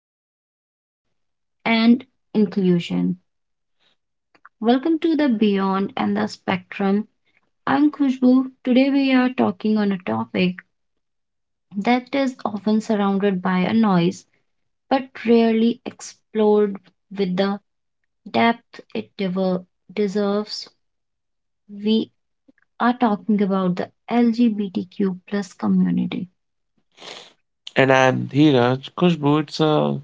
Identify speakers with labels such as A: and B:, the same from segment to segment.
A: of identity and inclusion. Welcome to the Beyond and the Spectrum. I'm Khushbu. Today we are talking on a topic that is often surrounded by a noise but rarely explored with the depth it deserves. We are talking about the LGBTQ plus community.
B: And I'm Dheeraj Kushbu. It's a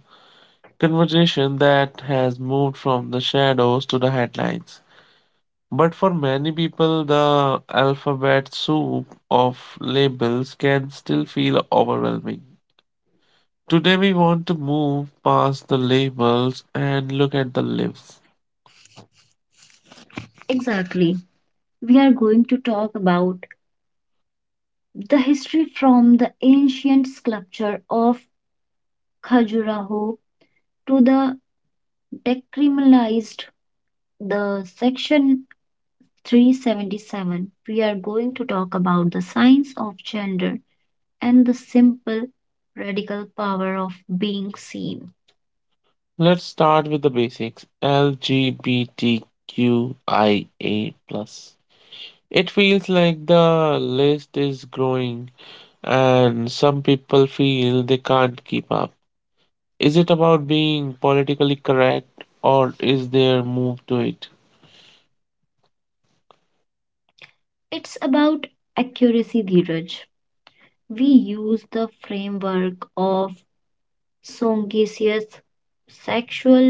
B: conversation that has moved from the shadows to the headlines. But for many people, the alphabet soup of labels can still feel overwhelming. Today, we want to move past the labels and look at the lives.
A: Exactly. We are going to talk about the history from the ancient sculpture of Khajuraho to the decriminalized the section 377. We are going to talk about the science of gender and the simple radical power of being seen.
B: Let's start with the basics, LGBTQIA. It feels like the list is growing and some people feel they can't keep up. Is it about being politically correct or is there move to it?
A: It's about accuracy, Dheeraj. We use the framework of songesius, sexual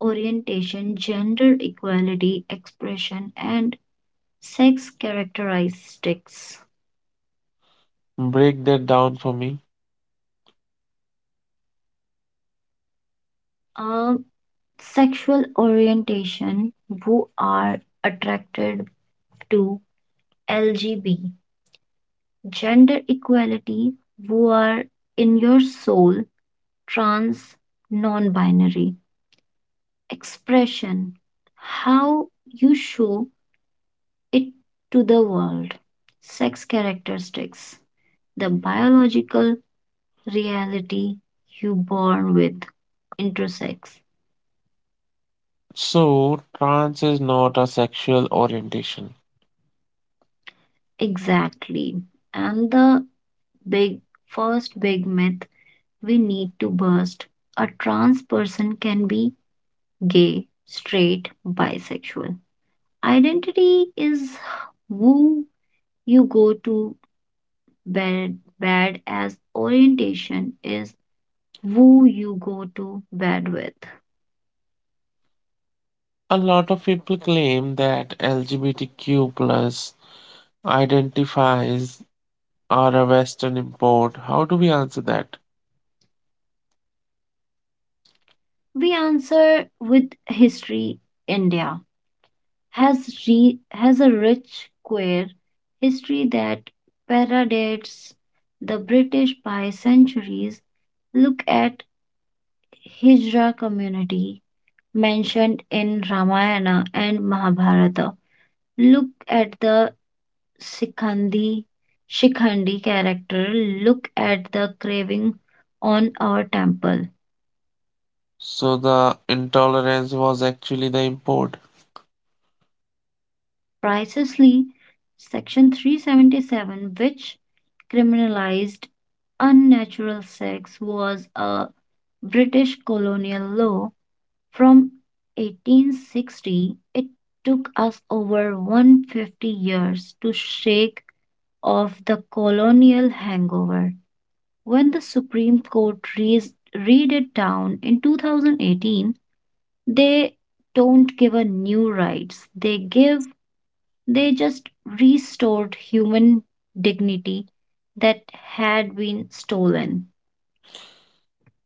A: orientation, gender equality, expression, and sex characteristics.
B: Break that down for me.
A: Uh, Sexual orientation, who are attracted to, LGB. Gender equality, who are in your soul, trans, non binary. Expression, how you show it to the world. Sex characteristics, the biological reality you born with, intersex.
B: So, trans is not a sexual orientation.
A: Exactly. And the big first big myth we need to burst, a trans person can be gay, straight, bisexual. Identity is who you go to bed, as orientation is who you go to bed with.
B: A lot of people claim that LGBTQ plus identifies are a Western import. How do we answer that?
A: We answer with history. India has has a rich queer history that predates the British by centuries. Look at Hijra community mentioned in Ramayana and Mahabharata. Look at the Sikhandi Shikhandi character. Look at the craving on our temple.
B: So the intolerance was actually the import.
A: Pricelessly, section 377, which criminalized unnatural sex, was a British colonial law from 1860. It took us over 150 years to shake off the colonial hangover. When the Supreme Court raised, read it down in 2018, they don't give a new rights. They give, they just restored human dignity that had been stolen.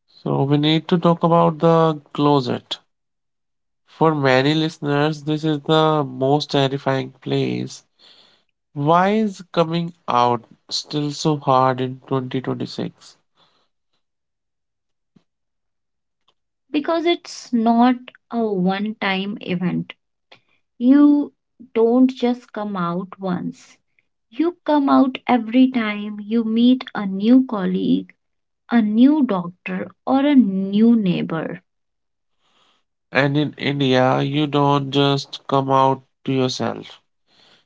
B: So we need to talk about the closet. For many listeners, this is the most terrifying place. Why is coming out still so hard in 2026?
A: Because it's not a one time event. You don't just come out once. You come out every time you meet a new colleague, a new doctor, or a new neighbor.
B: And in India, you don't just come out to yourself.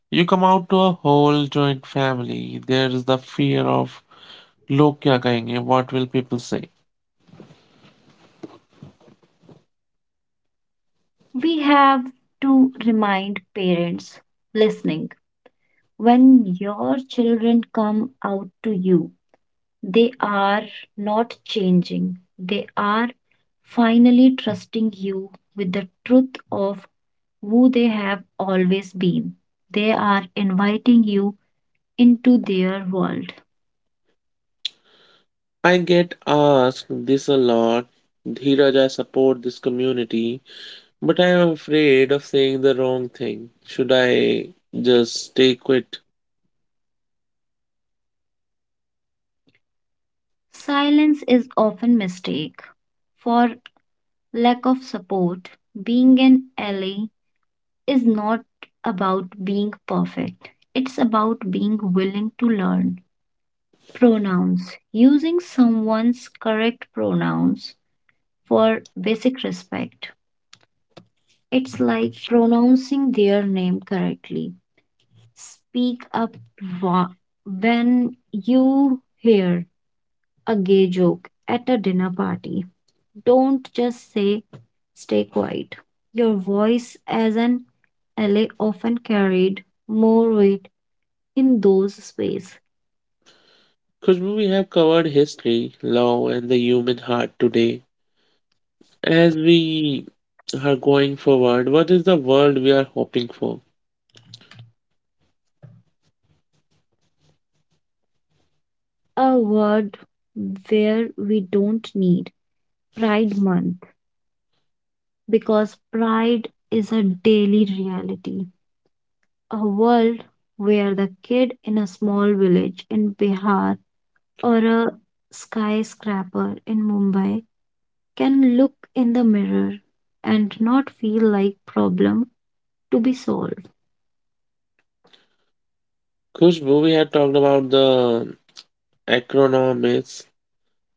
B: You come out to a whole joint family. There is the fear of log kya kahenge, what will people say?
A: We have to remind parents listening, when your children come out to you, they are not changing, they are finally trusting you with the truth of who they have always been. They are inviting you into their world.
B: I get asked this a lot. Dheeraj, I support this community, but I am afraid of saying the wrong thing. Should I just stay quit?
A: Silence is often mistaken for lack of support. Being an ally is not about being perfect. It's about being willing to learn. Pronouns. Using someone's correct pronouns for basic respect. It's like pronouncing their name correctly. Speak up wa- when you hear a gay joke at a dinner party. Don't just say, stay quiet. Your voice as an ally often carried more weight in those spaces.
B: Because we have covered history, law, and the human heart today. As we are going forward, what is the world we are hoping for?
A: A word where we don't need Pride Month, because pride is a daily reality. A world where the kid in a small village in Bihar or a skyscraper in Mumbai can look in the mirror and not feel like problem to be solved.
B: Kushbu, we have talked about the acronyms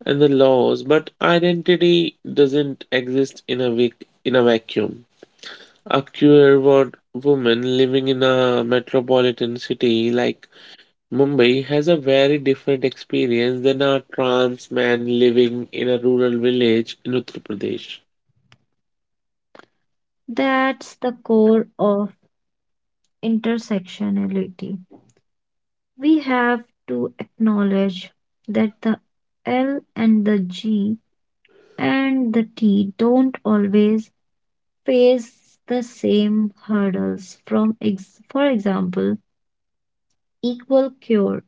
B: and the laws, but identity doesn't exist in a in a vacuum. A queer woman living in a metropolitan city like Mumbai has a very different experience than a trans man living in a rural village in Uttar Pradesh.
A: That's the core of intersectionality. We have to acknowledge that the L and the G and the T don't always face the same hurdles. For example, equal cure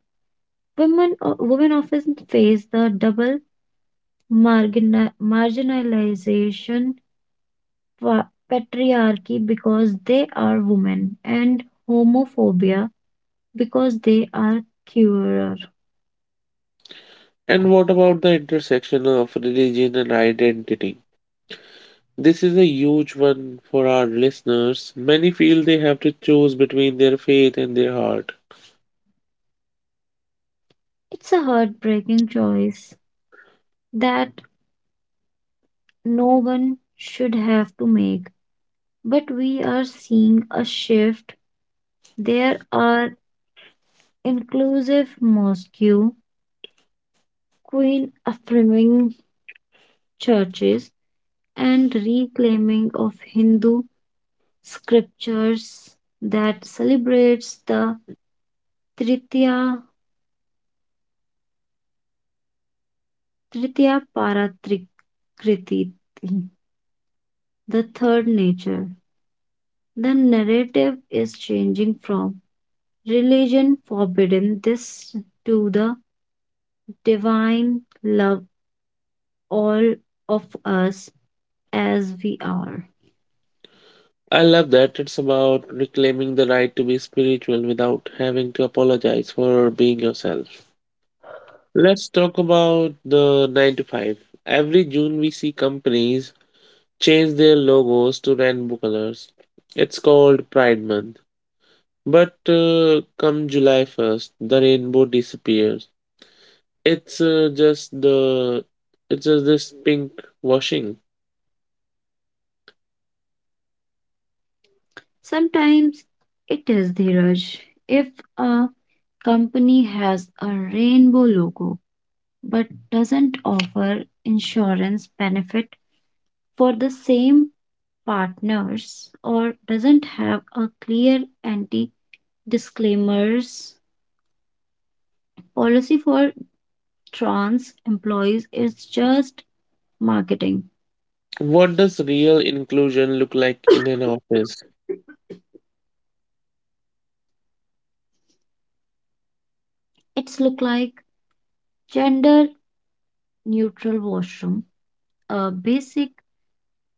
A: women often face the double marginalization, patriarchy because they are women, and homophobia because they are queer.
B: And what about the intersection of religion and identity? This is a huge one for our listeners. Many feel they have to choose between their faith and their heart.
A: It's a heartbreaking choice that no one should have to make, but we are seeing a shift. There are inclusive mosque, queen affirming churches, and reclaiming of Hindu scriptures that celebrates the Tritya, Tritya Paratrikriti, the third nature. The narrative is changing from religion forbidden this to the divine love all of us as we are.
B: I love that it's about reclaiming the right to be spiritual without having to apologize for being yourself. Let's talk about the 9 to 5. Every June, we see companies change their logos to rainbow colors. It's called Pride Month. But come July 1st, the rainbow disappears. It's just the it's just this pink washing.
A: Sometimes it is, Dhiraj. If a company has a rainbow logo but doesn't offer insurance benefit for the same partners, or doesn't have a clear anti disclaimers policy for trans employees, is just marketing.
B: What does real inclusion look like in an office?
A: It's look like gender neutral washroom, a basic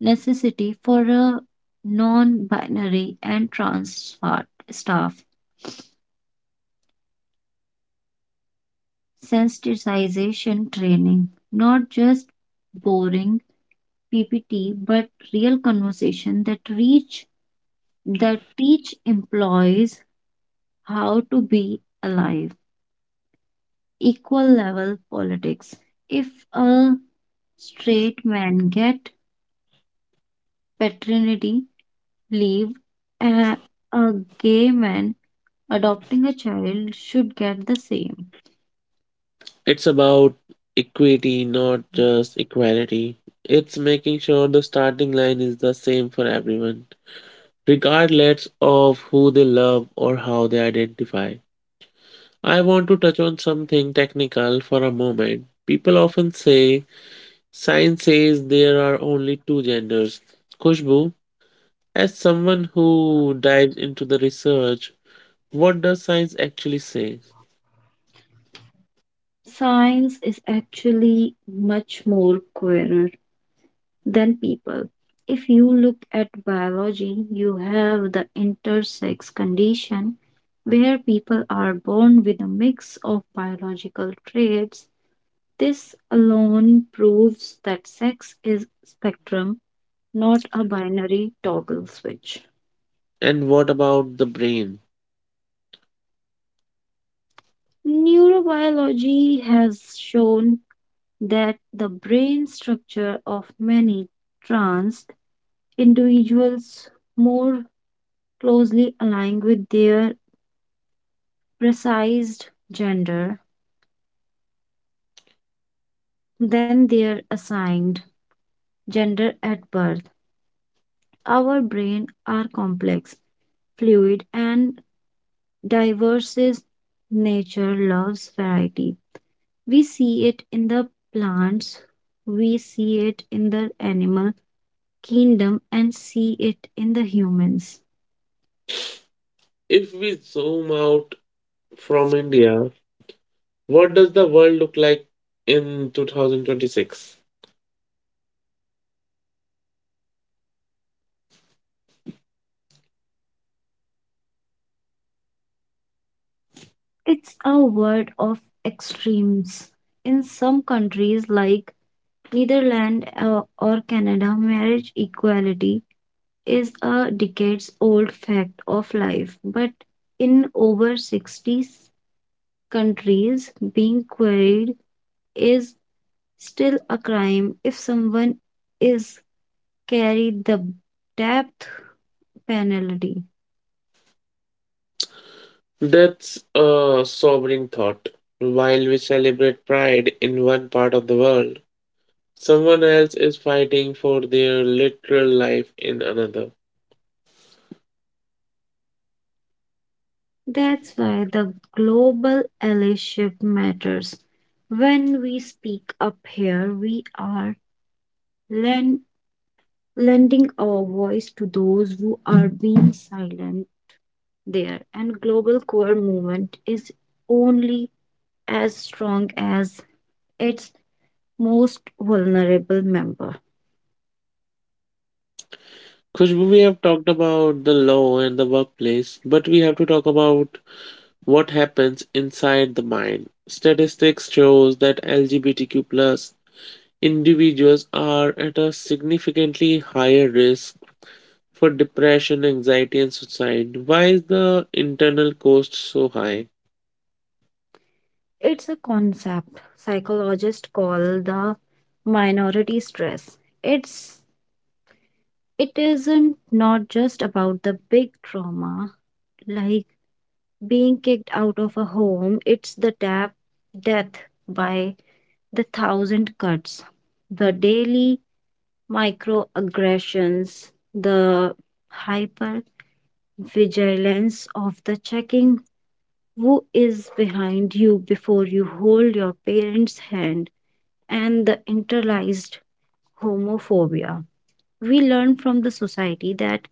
A: necessity for a non binary and trans staff. Sensitization training, not just boring PPT, but real conversation that teach employees how to be alive. Equal level politics. If a straight man get paternity leave, a, a gay man adopting a child should get the same.
B: It's about equity, not just equality. It's making sure the starting line is the same for everyone, regardless of who they love or how they identify. I want to touch on something technical for a moment. People often say science says there are only two genders. Kushbu, as someone who dives into the research, what does science actually say?
A: Science is actually much more queer than people. If you look at biology, you have the intersex condition where people are born with a mix of biological traits. This alone proves that sex is spectrum, not a binary toggle switch.
B: And what about the brain?
A: Neurobiology has shown that the brain structure of many trans individuals more closely align with their precise gender than their assigned gender at birth. Our brain are complex, fluid, and diverse. Nature loves variety. We see it in the plants, we see it in the animal kingdom, and see it in the humans.
B: If we zoom out from India, what does the world look like in 2026?
A: It's a world of extremes. In some countries like Netherlands or Canada, marriage equality is a decades old fact of life, but in over 60 countries, being quarried is still a crime. If someone is carried the depth penalty.
B: That's a sobering thought. While we celebrate pride in one part of the world, someone else is fighting for their literal life in another.
A: That's why the global allyship matters. When we speak up here, we are len- lending our voice to those who are being silent there, and global core movement is only as strong as its most vulnerable member.
B: Khushbu, we have talked about the law and the workplace, but we have to talk about what happens inside the mind. Statistics shows that LGBTQ plus individuals are at a significantly higher risk for depression, anxiety, and suicide. Why is the internal cost so high?
A: It's a concept psychologists call the minority stress. It's it isn't not just about the big trauma like being kicked out of a home. It's the tap death by the thousand cuts, the daily microaggressions, the hyper vigilance of the checking who is behind you before you hold your parents' hand, and the internalized homophobia we learn from the society that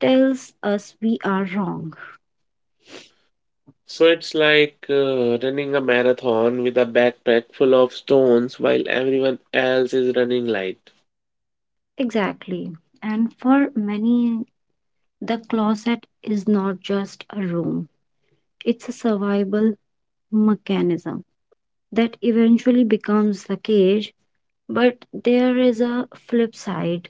A: tells us we are wrong.
B: So it's like running a marathon with a backpack full of stones while everyone else is running light.
A: Exactly. And for many, the closet is not just a room, it's a survival mechanism that eventually becomes the cage. But there is a flip side,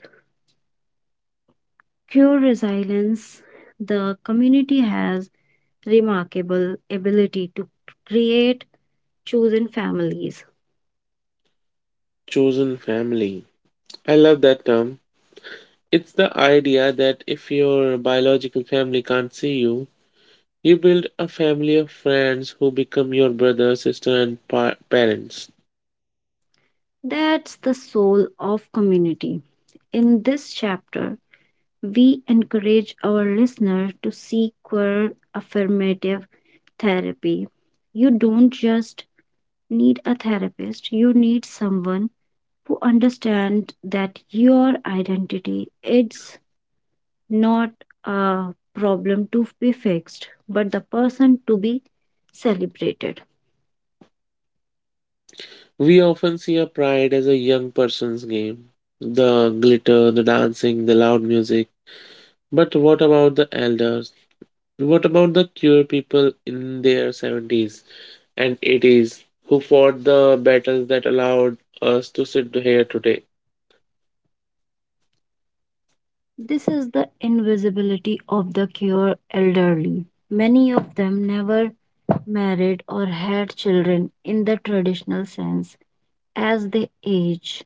A: cure resilience, the community has remarkable ability to create chosen families.
B: Chosen family. I love that term. It's the idea that if your biological family can't see you, you build a family of friends who become your brother, sister, and parents.
A: That's the soul of community. In this chapter, we encourage our listener to seek queer affirmative therapy. You don't just need a therapist, you need someone who understands that your identity is not a problem to be fixed, but the person to be celebrated.
B: We often see a pride as a young person's game, the glitter, the dancing, the loud music. But what about the elders? What about the queer people in their 70s and 80s who fought the battles that allowed us to sit here today?
A: This is the invisibility of the cure elderly. Many of them never married or had children in the traditional sense. As they age,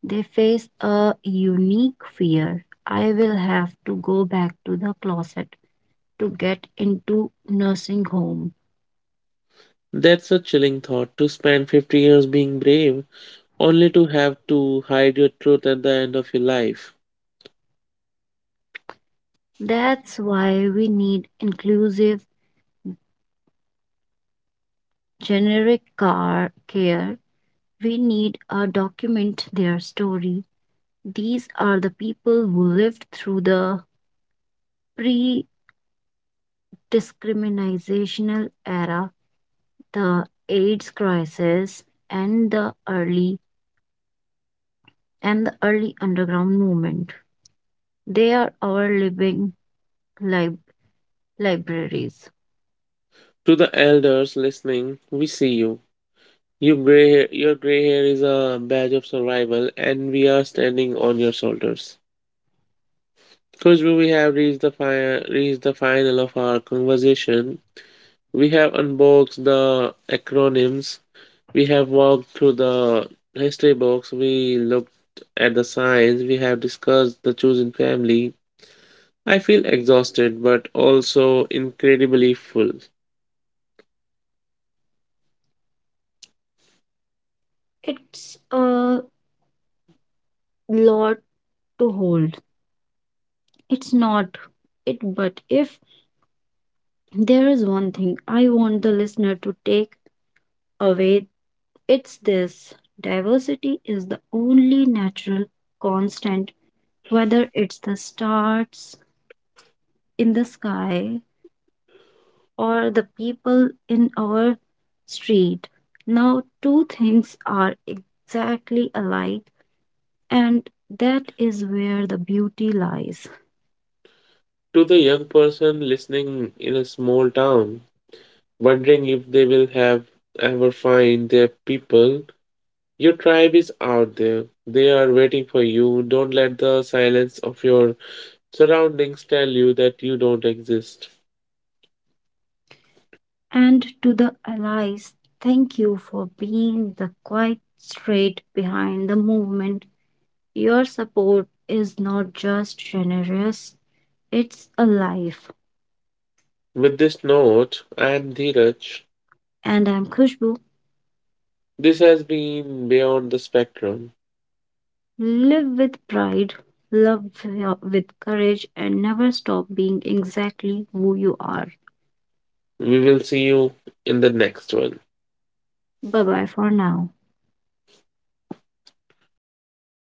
A: they face a unique fear. I will have to go back to the closet to get into nursing home.
B: That's a chilling thought, to spend 50 years being brave only to have to hide your truth at the end of your life.
A: That's why we need inclusive generic car care. We need a document their story. These are the people who lived through the pre discriminational era, the AIDS crisis, and the early underground movement. They are our living lib- libraries.
B: To the elders listening, we see you. Your gray hair is a badge of survival, and we are standing on your shoulders. Because we have reached the final of our conversation. We have unboxed the acronyms. We have walked through the history books. We looked at the science. We have discussed the chosen family. I feel exhausted, but also incredibly full.
A: It's a lot to hold. It's not it, but if there is one thing I want the listener to take away, it's this. Diversity is the only natural constant, whether it's the stars in the sky or the people in our street. Now, two things are exactly alike, and that is where the beauty lies.
B: To the young person listening in a small town, wondering if they will have ever find their people. Your tribe is out there. They are waiting for you. Don't let the silence of your surroundings tell you that you don't exist.
A: And to the allies, thank you for being the quiet straight behind the movement. Your support is not just generous, it's a life.
B: With this note, I am Dheeraj.
A: And I'm Khushbu.
B: This has been Beyond the Spectrum.
A: Live with pride, with courage, and never stop being exactly who you are.
B: We will see you in the next one.
A: Bye bye for now.